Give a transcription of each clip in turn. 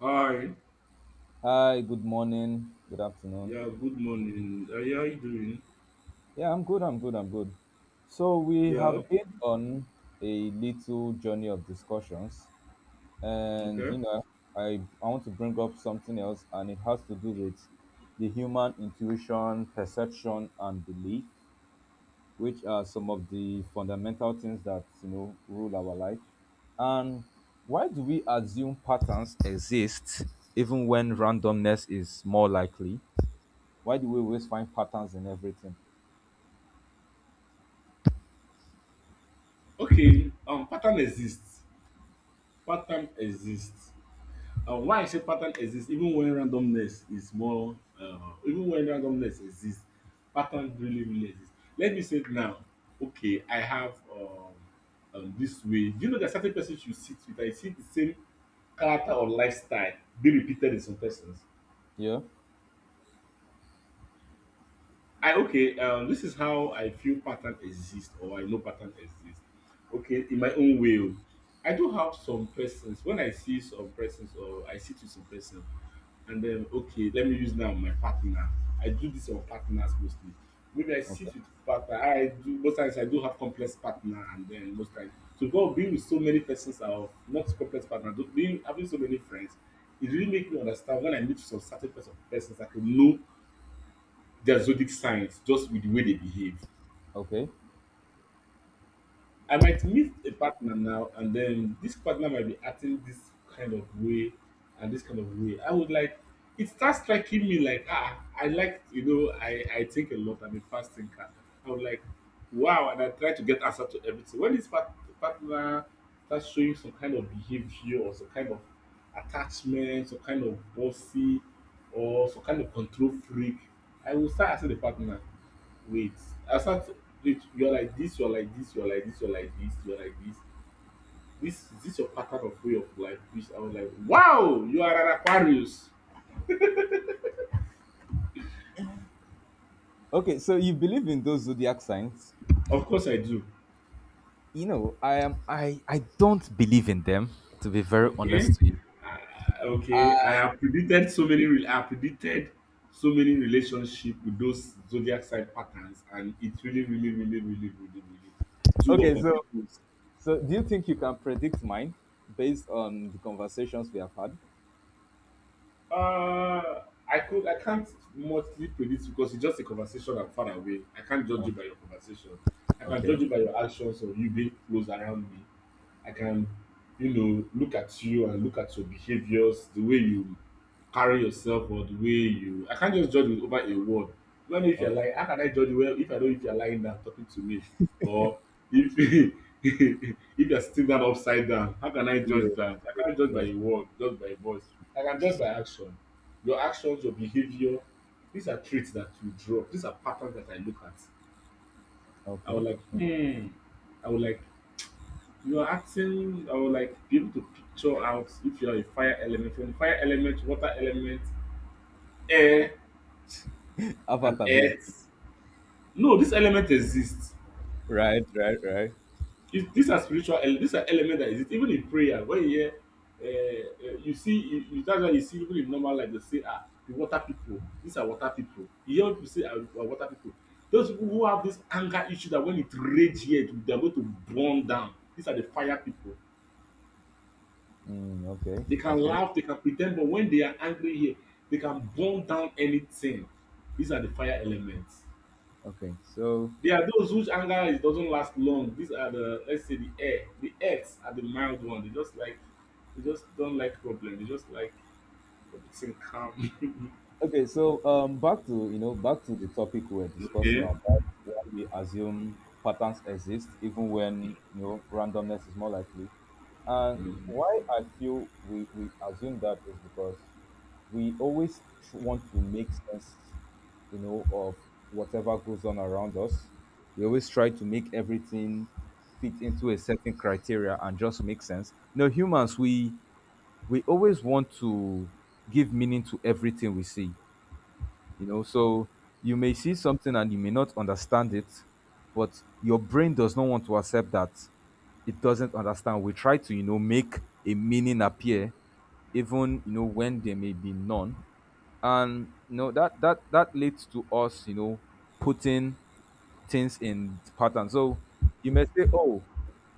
Hi. Hi, good morning, good afternoon. Yeah, good morning. Yeah, how are you doing? Yeah, I'm good, I'm good, I'm good. So, we Yeah. have been on a little journey of discussions, and Okay. I, I want to bring up something else, and it has to do with the human intuition, perception, and belief, which are some of the fundamental things that rule our life. And why do we assume patterns exist even when randomness is more likely? Why do we always find patterns in everything? Okay. Pattern exists. Pattern exists. Why I say pattern exists, even when randomness is more, even when randomness exists, pattern really, really exists. Let me say it now. Okay, I have this way. Do you know that certain persons you sit with, I see the same character or lifestyle be repeated in some persons? Yeah. I okay. This is how I feel pattern exist or I know pattern exist. Okay, in my own way, oh. I do have some persons. When I see some persons or I sit with some person, and then okay, let me use now my partner. I do this on partners mostly. Maybe I Okay. sit with partner. I do most times I do have complex partner, and then most times so God being with so many persons of not complex partner, though, being having so many friends, it really make me understand when I meet some certain persons I can know their zodiac signs just with the way they behave. Okay. I might meet a partner now, and then this partner might be acting this kind of way and this kind of way. I would like, it starts striking me like, ah, I like, I think a lot. I'm a fast thinker. I would like, wow, and I try to get answer to everything. When this partner starts showing some kind of behavior or some kind of attachment, some kind of bossy or some kind of control freak, I will start asking the partner. Wait, i start to- wait, you're like this, you're like this, you're like this, you're like this, you're like this. This is this your pattern of way of life, which I was like, wow, you are an Aquarius. Okay. So you believe in those zodiac signs? Of course I do. You know, I am. I don't believe in them. To be very Okay. honest to you. Okay, I I have predicted so many relationship with those zodiac sign patterns, and it really really really really really really do work okay. on So people. so do you think you can predict mine based on the conversations we have had? Uh, I can't mostly predict because it's just a conversation, I'm far away. I can't judge Oh, you by your conversation. I can judge okay. you by your actions or you being close around me. I can, look at you and look at your behaviors, the way you carry yourself, or the way you I can't just judge with over a word. Do I know if you're Okay. lying? How can I judge you well if I know if you're lying down talking to me? Or if if you're sitting down upside down, how can I Yeah, judge that? yeah, I can't judge by yes. a word, just by voice. I can judge by action. Your actions, your behavior, these are traits that you drop. These are patterns that I look at. I Okay. would like, hmm. I would like, you are asking, I would like be able to picture out if you are a fire element, from fire element, water element, air, and Avatar, basically. earth. No, this element exists. Right. Right. Right. If these are elements that exist. Even in prayer, when you hear, you see, that's why you see even in normal life, they say, ah, the water people, these are water people. You hear people say, ah, we are water people. Those people who have this anger issue that when it rage here, they are going to burn down. These are the fire people. Mm, okay. They can Okay. laugh, they can pretend, but when they are angry here, they can burn down anything. These are the fire elements. Okay. So, There are those whose anger is doesn't last long. These are the, let's say, the air. The earths are the mild one. They just don't like problem. They just like everything calm. okay, so back to back to the topic we are discussing Okay. about why we assume patterns exist even when randomness is more likely, and Mm. why I feel we assume that is because we always want to make sense, of whatever goes on around us. We always try to make everything fit into a certain criteria and just make sense. Humans, we always want to give meaning to everything we see, so you may see something and you may not understand it, but your brain does not want to accept that it doesn't understand. We try to make a meaning appear, even when there may be none. And that leads to us, putting things in pattern. So you may say, oh,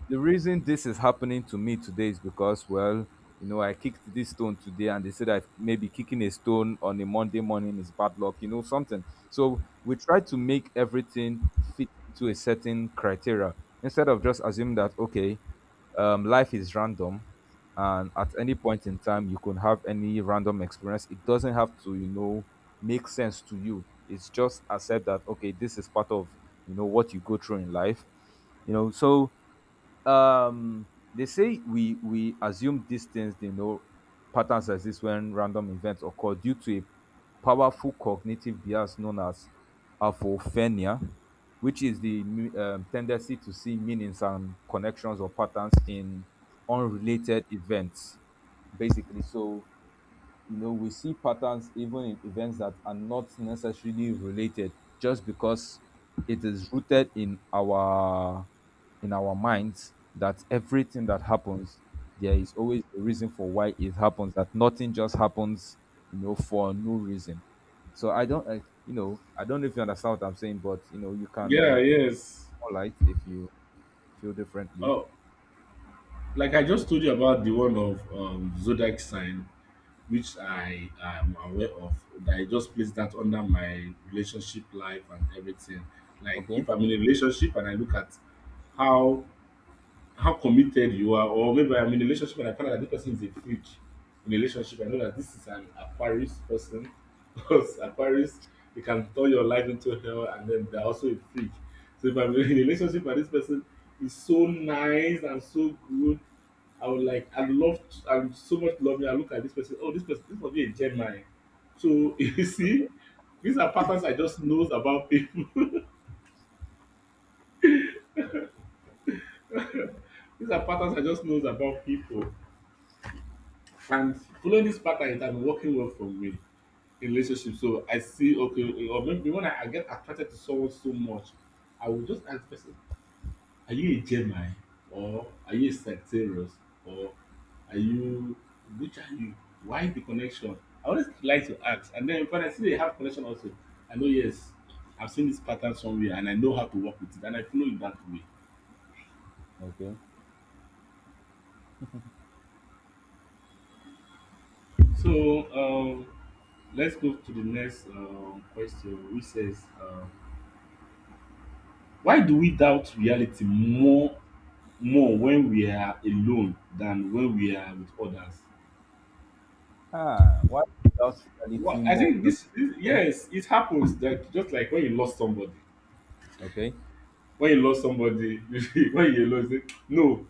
the reason this is happening to me today is because, well, I kicked this stone today, and they said, I, maybe kicking a stone on a Monday morning is bad luck, something. So we try to make everything fit into a certain criteria, instead of just assuming that, okay, life is random, and at any point in time you can have any random experience. It doesn't have to, make sense to you. It's just accept that, okay, this is part of what you go through in life, so, um they say we assume these things, they know patterns exist when random events occur due to a powerful cognitive bias known as apophenia, which is the tendency to see meanings and connections or patterns in unrelated events, basically. So we see patterns even in events that are not necessarily related, just because it is rooted in our, minds that everything that happens, there is always a reason for why it happens, that nothing just happens, for no reason. So I don't I, I don't know if you understand what I'm saying, but you Yeah, can yes. more light if you feel differently. Oh, like I just told you about the one of zodiac sign, which I am aware of, that I just place that under my relationship life and everything. Like Okay. if I'm in a relationship and I look at how how committed you are, or maybe I'm in a relationship and I find out that this person is a freak in a relationship. I know that this is an Aquarius person because Aquarius, they can turn your life into hell, and then they're also a freak. So if I'm in a relationship and this person is so nice and so good, I would like I love I would so much love me. I look at this person. Oh, this person this must be a Gemini. So you see, these are patterns I just knows about people. These are patterns I just knows about people. And following this pattern, it has been working well for me in relationship. So I see, okay, or maybe when I get attracted to someone so much, I will just ask the person, are you a Gemini, or are you a Sagittarius, or are you which are you? Why the connection? I always like to ask, and then when I see they have connection also, I know, yes, I have seen this pattern somewhere, and I know how to work with it, and I follow it that way. Okay. So, um let's go to the next question, which says, why do we doubt reality more when we are alone than when we are with others? Ah, what does reality Well, I more? think this, yes, it happens that just like when you lost somebody, Okay. When you lost it, no,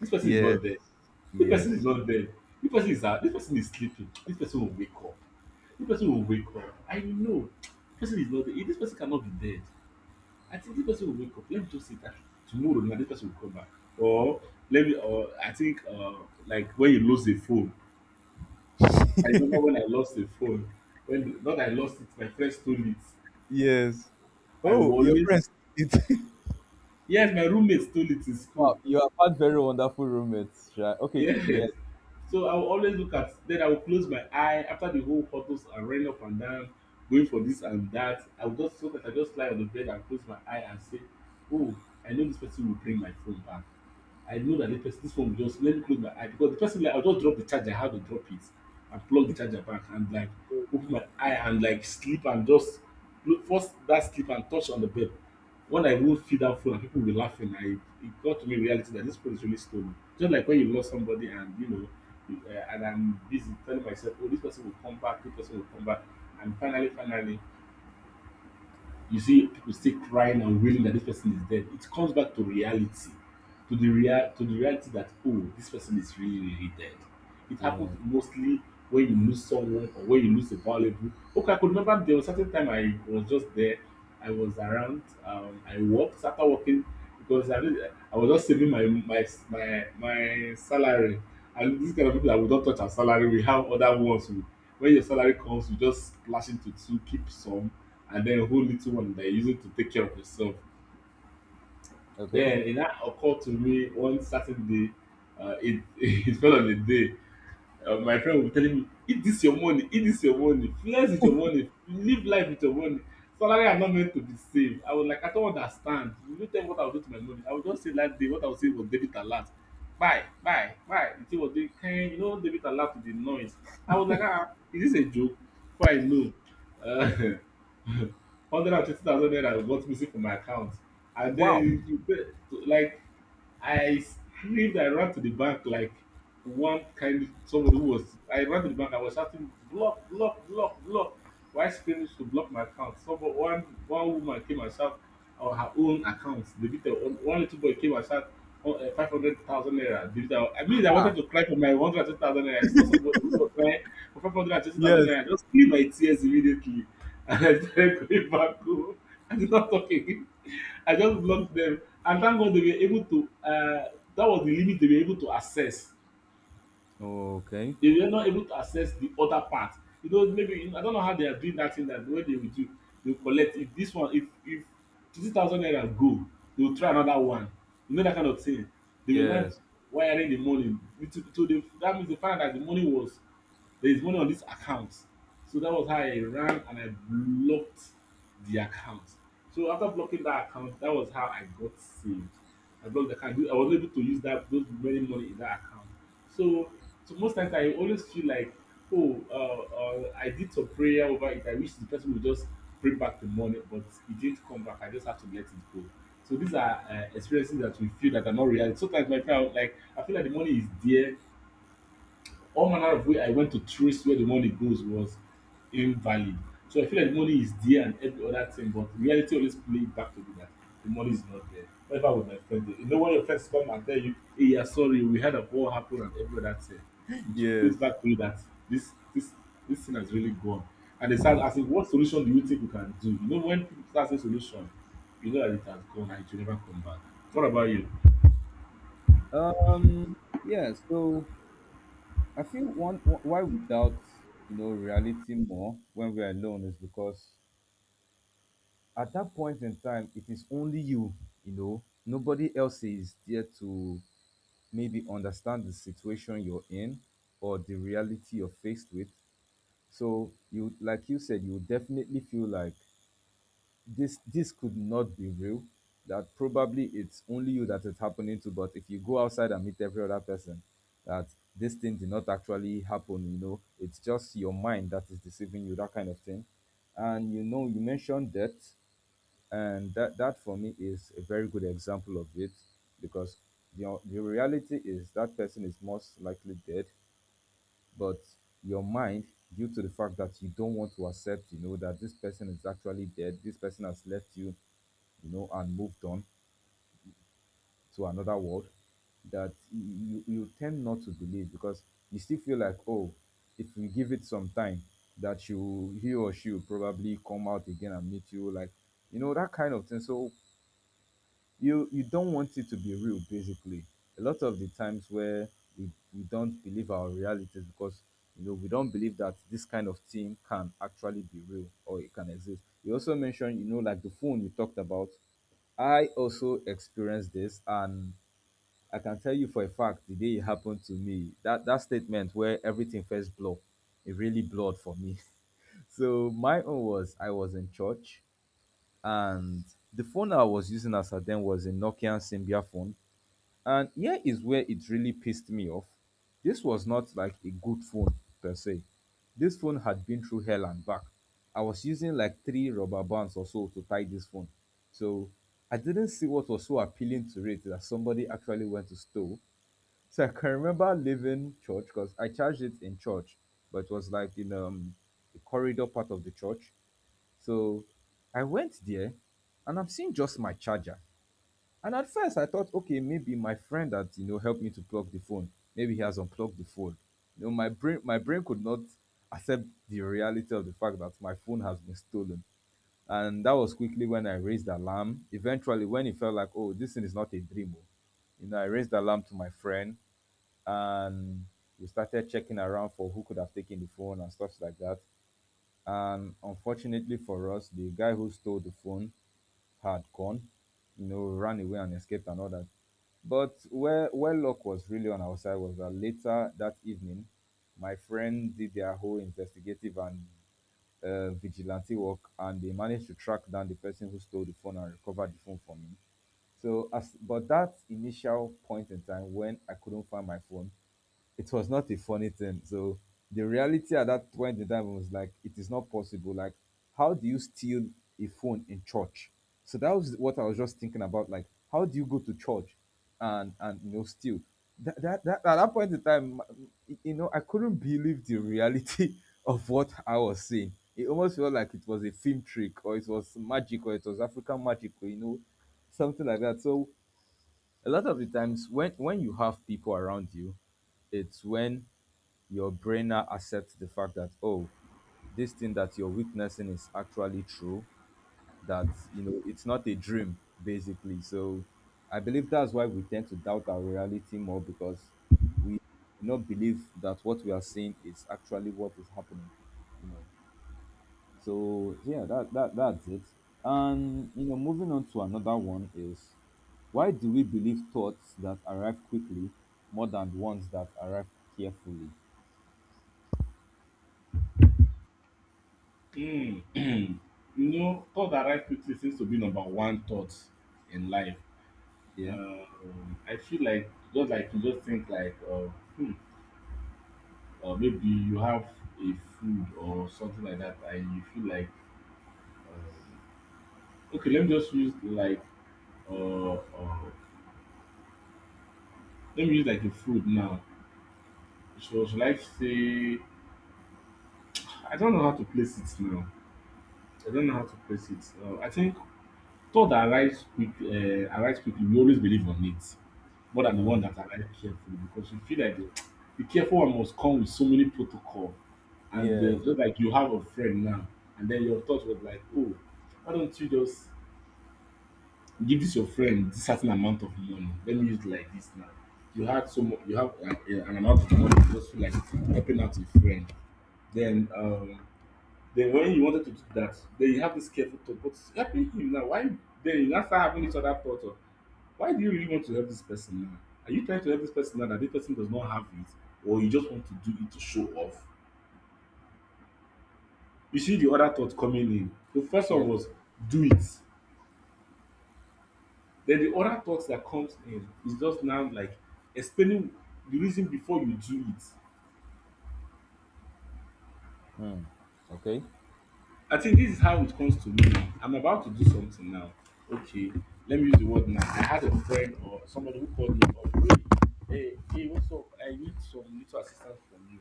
this person is Yes. not there. This person is Yes. not there. This person is out. This person is sleeping. This person will wake up. This person will wake up. I know. This person is not there. This person cannot be dead. I think this person will wake up. Let me just sit down. Tomorrow, now this person will come back. Or let me. Or I think like when you lose a phone. I remember when I lost a phone. When not I lost it, my friend stole it. Yes. I will Oh, your always, friends. It. yes, my roommate stole it in school. Wow, you have had very wonderful roommates, right? Okay, yeah. Yes. So I will always look at, then I will close my eye after the whole photos and running up and down, going for this and that. I will just so that I just lie on the bed and close my eye and say, oh, I know this person will bring my phone back. I know that the person this phone will just let me close my eye because the person, like, I'll just drop the charger, how to drop it and plug the charger back and like open my eye and like sleep and just force that sleep and touch on the bed when I will feed that phone and people will be laughing, I it got to me reality that this phone is really stolen. Just like when you lost somebody and and I'm busy telling myself, oh, this person will come back, this person will come back, and finally, finally, you see people still crying and wailing that this person is dead. It comes back to reality, to the reality that, oh, this person is really, really dead. It happens Yeah. mostly when you lose someone or when you lose a valuable. Okay, I could remember there was certain time I was just there. I was around. I worked. Started working because I was just saving my salary. And these kind of people that would not touch our salary, we have other ones, who, when your salary comes, you just splash into two, keep some, and then a whole little one that you use it to take care of yourself. Okay. Then it now occurred to me one Saturday, it it fell on a day. My friend will be telling me, "Eat this your money, eat this your money, flex with your money, live life with your money. Salary are not meant to be saved." I was like, "I don't understand. You no tell me what I will do to my money. I will just say that day what I will say was debit alert. Buy, buy, buy. The thing was doing kind, debit alert with the noise. I was like, ah, is this a joke? Before I know. Uh, 120,000 naira got missing from my account. And then Wow. you pay, like, I screamed. I ran to the bank like one kind of somebody who was. I ran to the bank, I was shouting, "Block, block, block, block!" Why? Screaming to block my account. Someone, one one woman came and shout on her own account debited. One one little boy came and shout 500,000 naira debited. I mean, I wanted Ah. to cry for my 120,000 naira. I saw somebody who was crying for 520,000 Yes. naira. I just clean my tears immediately and I started going back home. I did not talk again. I just blocked them. And thank God they were able to, that was the limit they were able to access. Okay. They were not able to access the other part. You know, maybe, I don't know how they are doing that thing, that the way they will do, they will collect. If this one, if 20,000 naira go, they will try another one. You know, that kind of thing. They were not Yes. wiring the money. So that means they found out that the money was, there is money on this account. So that was how I ran and I blocked the account. So after blocking that account, that was how I got saved. I blocked the account, I was able to use that those very money in that account. So most times I always feel like, oh, I did some prayer over it. I wish the person would just bring back the money, but it didn't come back. I just have to let it go. So these are experiences that we feel that are not real. Sometimes my prayer, like, I feel like the money is there. All manner of way I went to trace where the money goes was invalid. So I feel like the money is there and every other thing, but reality always play it back to me that the money is not there. Whatever with my friends, you know, when your friends come and tell you, "Hey, yeah, sorry, we heard of what happened and every other thing," it Yes. plays back to you that this this this thing has really gone. And they start asking, "What solution do you think we can do?" You know, when people start saying solution, you know that it has gone and it will never come back. What about you? Um. Yeah. So I feel, why we doubt reality more when we are alone is because at that point in time it is only you. You know, nobody else is there to maybe understand the situation you're in or the reality you're faced with. So, you, like you said, you definitely feel like this could not be real, that probably it's only you that it's happening to. But if you go outside and meet every other person that this thing did not actually happen, it's just your mind that is deceiving you, that kind of thing. And you mentioned debt, and that for me is a very good example of it, because the reality is that person is most likely dead. But your mind, due to the fact that you don't want to accept, that this person is actually dead, this person has left you, you know and moved on to another world, that you tend not to believe, because you still feel like, oh, if we give it some time, that you, he or she will probably come out again and meet you, like, that kind of thing. So you don't want it to be real, basically. A lot of the times where we don't believe our realities, because we don't believe that this kind of thing can actually be real or it can exist. You also mentioned, like the phone you talked about, I also experienced this, and I can tell you for a fact, the day it happened to me, that that statement where everything first blurred, it really blurred for me. So my own was, I was in church, and the phone I was using as at then was a Nokia Symbian phone. And here is where it really pissed me off. This was not like a good phone per se. This phone had been through hell and back. I was using like three rubber bands or so to tie this phone. So I didn't see what was so appealing to it that somebody actually went to steal. So I can remember leaving church because I charged it in church, but it was like in the corridor part of the church. So I went there, and I'm seeing just my charger. And at first I thought, okay, maybe my friend that helped me to plug the phone, maybe he has unplugged the phone. You know, my brain could not accept the reality of the fact that my phone has been stolen. And that was quickly when I raised the alarm. Eventually, when it felt like, oh, this thing is not a dream. Oh, I raised the alarm to my friend, and we started checking around for who could have taken the phone and stuff like that. And unfortunately for us, the guy who stole the phone had gone, ran away and escaped and all that. But where luck was really on our side was that later that evening, my friend did their whole investigative and vigilante work, and they managed to track down the person who stole the phone and recovered the phone from him. So as, but that initial point in time when I couldn't find my phone, it was not a funny thing. So the reality at that point in time was like, it is not possible. Like, how do you steal a phone in church? So that was what I was just thinking about. Like, how do you go to church and steal? That at that point in time, I couldn't believe the reality of what I was seeing. It almost felt like it was a film trick, or it was magic, or it was African magic, or something like that. So a lot of the times, when you have people around you, it's when your brain now accepts the fact that, oh, this thing that you're witnessing is actually true, that it's not a dream, basically. So I believe that's why we tend to doubt our reality more, because we do not believe that what we are seeing is actually what is happening, you know so yeah, that's it. And moving on to another one is, why do we believe thoughts that arrive quickly more than ones that arrive carefully? Mm. You know, thought that right quickly seems to be number one thought in life. Yeah. I feel like, just like you just think like, hmm, maybe you have a food or something like that, and you feel like, uh, okay, let me just use like, uh, uh, let me use like a food now. So, should I say? I don't know how to place it now. I don't know how to place it. I think thought that arise quickly, we always believe on it more than the one um, that arrive carefully because you feel like yeah. the careful one must come with so many protocol. And Yes. Just like you have a friend now and then your thought was like, oh, why don't you just give this your friend this certain amount of money, let me use it like this now. You had so much, you have an amount of money, you just feel like helping out your friend. Then then when you wanted to do that, then you have this careful thought, but it's helping him now, why? Then you now start having this other thought of, why do you really want to help this person now? Are you trying to help this person now that this person does not have it, or you just want to do it to show off? You see the other thought coming in. The first one Yes. was, do it. Then the other thought that comes in is just now like explaining the reason before you do it. Hmm. Okay. I think this is how it comes to me now. I'm about to do something now. Okay, let me use the word now. I had a friend or somebody who called me up. Hey, hey, hey, what's up? I need some little assistance from you.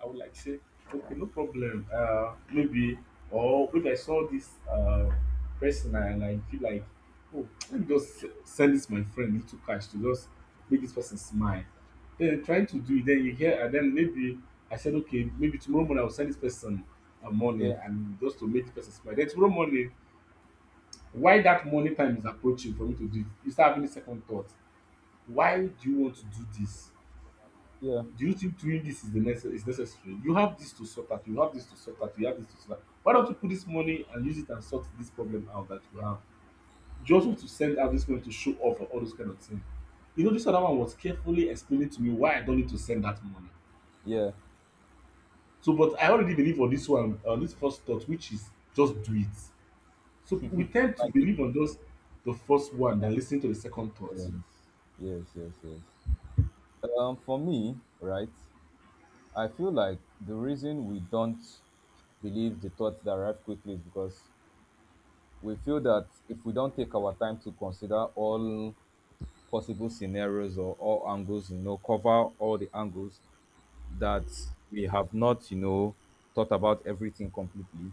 I would like say, okay, no problem. Maybe or maybe I saw this person and I feel like, oh, let me just send this my friend little cash to just make this person smile. Then trying to do it, then you hear, and then maybe I said, okay, maybe tomorrow morning I will send this person money Yeah, and just to make the person smile. Then tomorrow morning, while that morning time is approaching for me to do it, you start having a second thought. Why do you want to do this? yeah, Do you think doing this is the is necessary? You have this to sort out. You have this to sort out. You have this to sort out. Why don't you put this money and use it and sort this problem out that you have? You just want to send out this money to show off and all those kind of things. You know, this other one was carefully explaining to me why I don't need to send that money. yeah. So, but I already believe on this one, on this first thought, which is just do it. So we tend to Like it. believe on just the first one than listen to the second thought. Yes, yes, yes, yes. For me, right, I feel like the reason we don't believe the thoughts that arrive quickly is because we feel that if we don't take our time to consider all possible scenarios or all angles, cover all the angles, that we have not, thought about everything completely.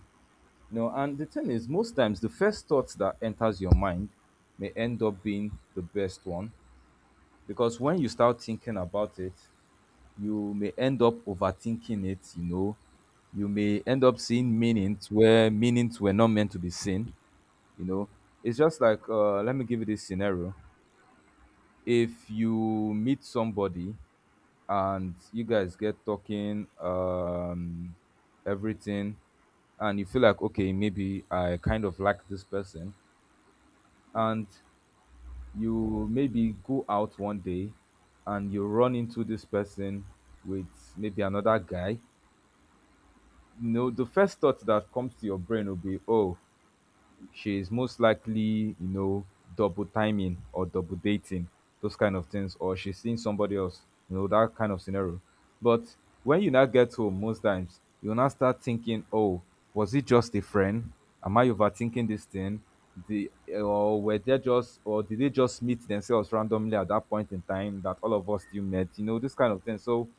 No, and the thing is, most times the first thought that enters your mind may end up being the best one, because when you start thinking about it, you may end up overthinking it. You know, you may end up seeing meanings where meanings were not meant to be seen. You know, it's just like, let me give you this scenario. If you meet somebody and you guys get talking, everything, and you feel like, okay, maybe I kind of like this person, and you maybe go out one day, and you run into this person with maybe another guy, the first thought that comes to your brain will be, oh, she is most likely, you know, double timing or double dating, those kind of things, or she's seeing somebody else, that kind of scenario. But when you now get home, most times you will now start thinking, oh, was it just a friend? Am I overthinking this thing? The, or were they just, or did they just meet themselves randomly at that point in time that all of us still met? You know, this kind of thing. So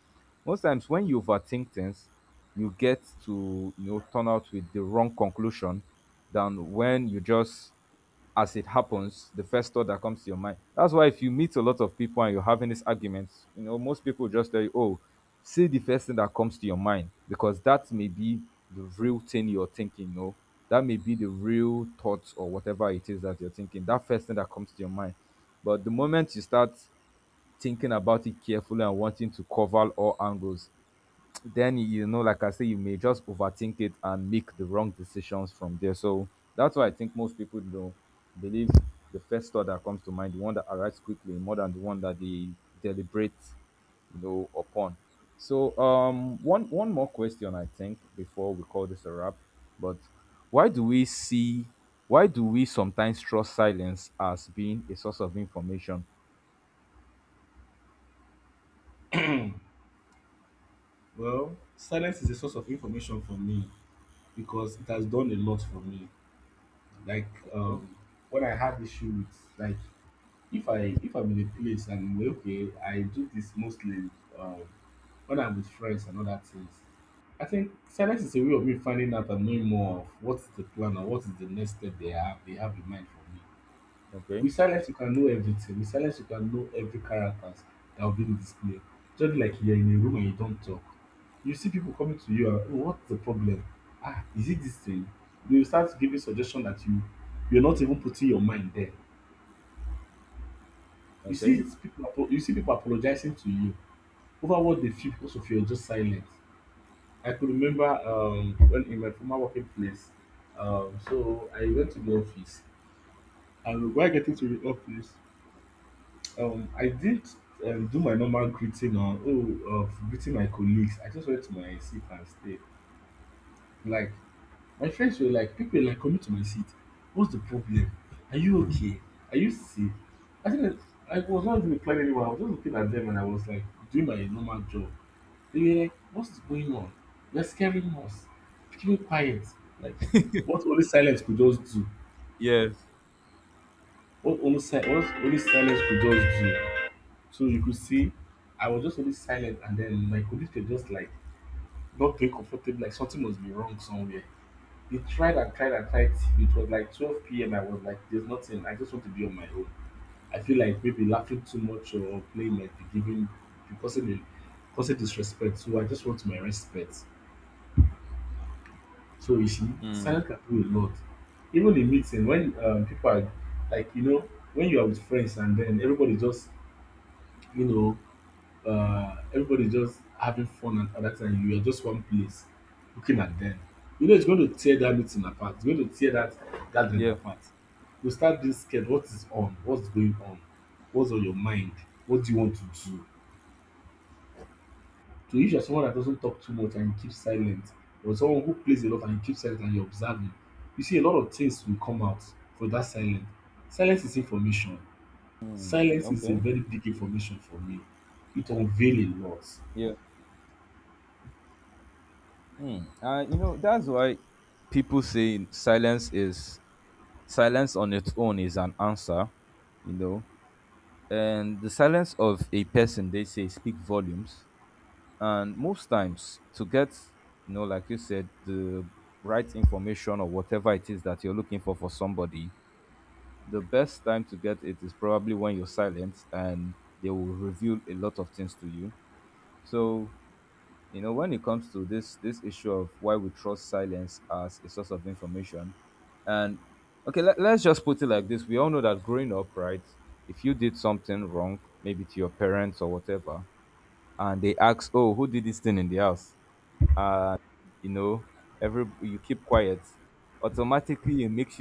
most times when you overthink things, you get to turn out with the wrong conclusion, than when you just, as it happens, the first thought that comes to your mind. That's why if you meet a lot of people and you're having these arguments, most people just tell you, oh, say the first thing that comes to your mind, because that may be the real thing you're thinking, That may be the real thoughts or whatever it is that you're thinking. That first thing that comes to your mind. But the moment you start thinking about it carefully and wanting to cover all angles, then like I say, you may just overthink it and make the wrong decisions from there. So that's why I think most people, believe the first thought that comes to mind, the one that arrives quickly, more than the one that they deliberate, upon. So one more question, I think, before we call this a wrap, but why do we see, why do we sometimes trust silence as being a source of information? Well, silence is a source of information for me because it has done a lot for me. Like Okay. When I had issue with, like, if I'm in a place and we're okay, I do this mostly, um, when I'm with friends and other things. I think silence is a way of me finding out and knowing more of what's the plan or what is the next step they have in mind for me. Okay. With silence you can know everything, with silence you can know every characters that will be in display. Just like you are in a room and you don talk, you see pipu coming to you and, oh, what's the problem? Ah, is it dis thing? Dey will start giving suggestion that you are not even putting your mind there. You Okay. see pipu you see pipu apologizing to you over what dey feel because of your just silence. I could remember, when in my former working place, so I went to the office. And while getting to the office, I did, do my normal greeting on, oh, of greeting my colleagues. I just went to my seat and stayed. Like, my friends were like, people were like coming to my seat. What's the problem? Are you okay? Are you sick? I think I was not even replying anyone. I was just looking at them and I was like doing my normal job. They were like, what's going on? You're scaring us. Keep it quiet. Like what only silence could just do. Yes. What only what only silence could just do. So you could see I was just only silent, and then my colleagues were just like not very comfortable, like something must be wrong somewhere. They tried and tried and tried. It was like 12 p.m. I was like, there's nothing. I just want to be on my own. I feel like maybe laughing too much or playing might be giving, be causing, causing disrespect. So I just want my respect. So you see, Mm. silence can do a lot. Even in meeting, when people are like, you know, when you are with friends and then everybody just, you know, everybody's just having fun. And all that time you are just one place looking at them, you know it's going to tear that meeting apart, it's going to tear that gathering Yeah. apart. You start being scared, what's going on, what's on your mind, what do you want to do? So if you're someone that doesn't talk too much and you keep silent, or someone who plays a lot and you keep silent and you're observing, you see a lot of things will come out for that silence. Silence is information. Silence is a Okay. very big information for me. It unveil a lot. Yeah. Hmm. You know, that's why people say silence is, silence on its own is an answer, you know. And the silence of a person, they say, speak volumes. And most times, to get, like you said, the right information or whatever it is that you're looking for somebody, the best time to get it is probably when you're silent, and they will reveal a lot of things to you. So, when it comes to this issue of why we trust silence as a source of information, and okay, let's just put it like this. We all know that growing up, right, if you did something wrong, maybe to your parents or whatever, and they ask, oh, who did this thing in the house, uh you know every, you keep quiet, automatically it makes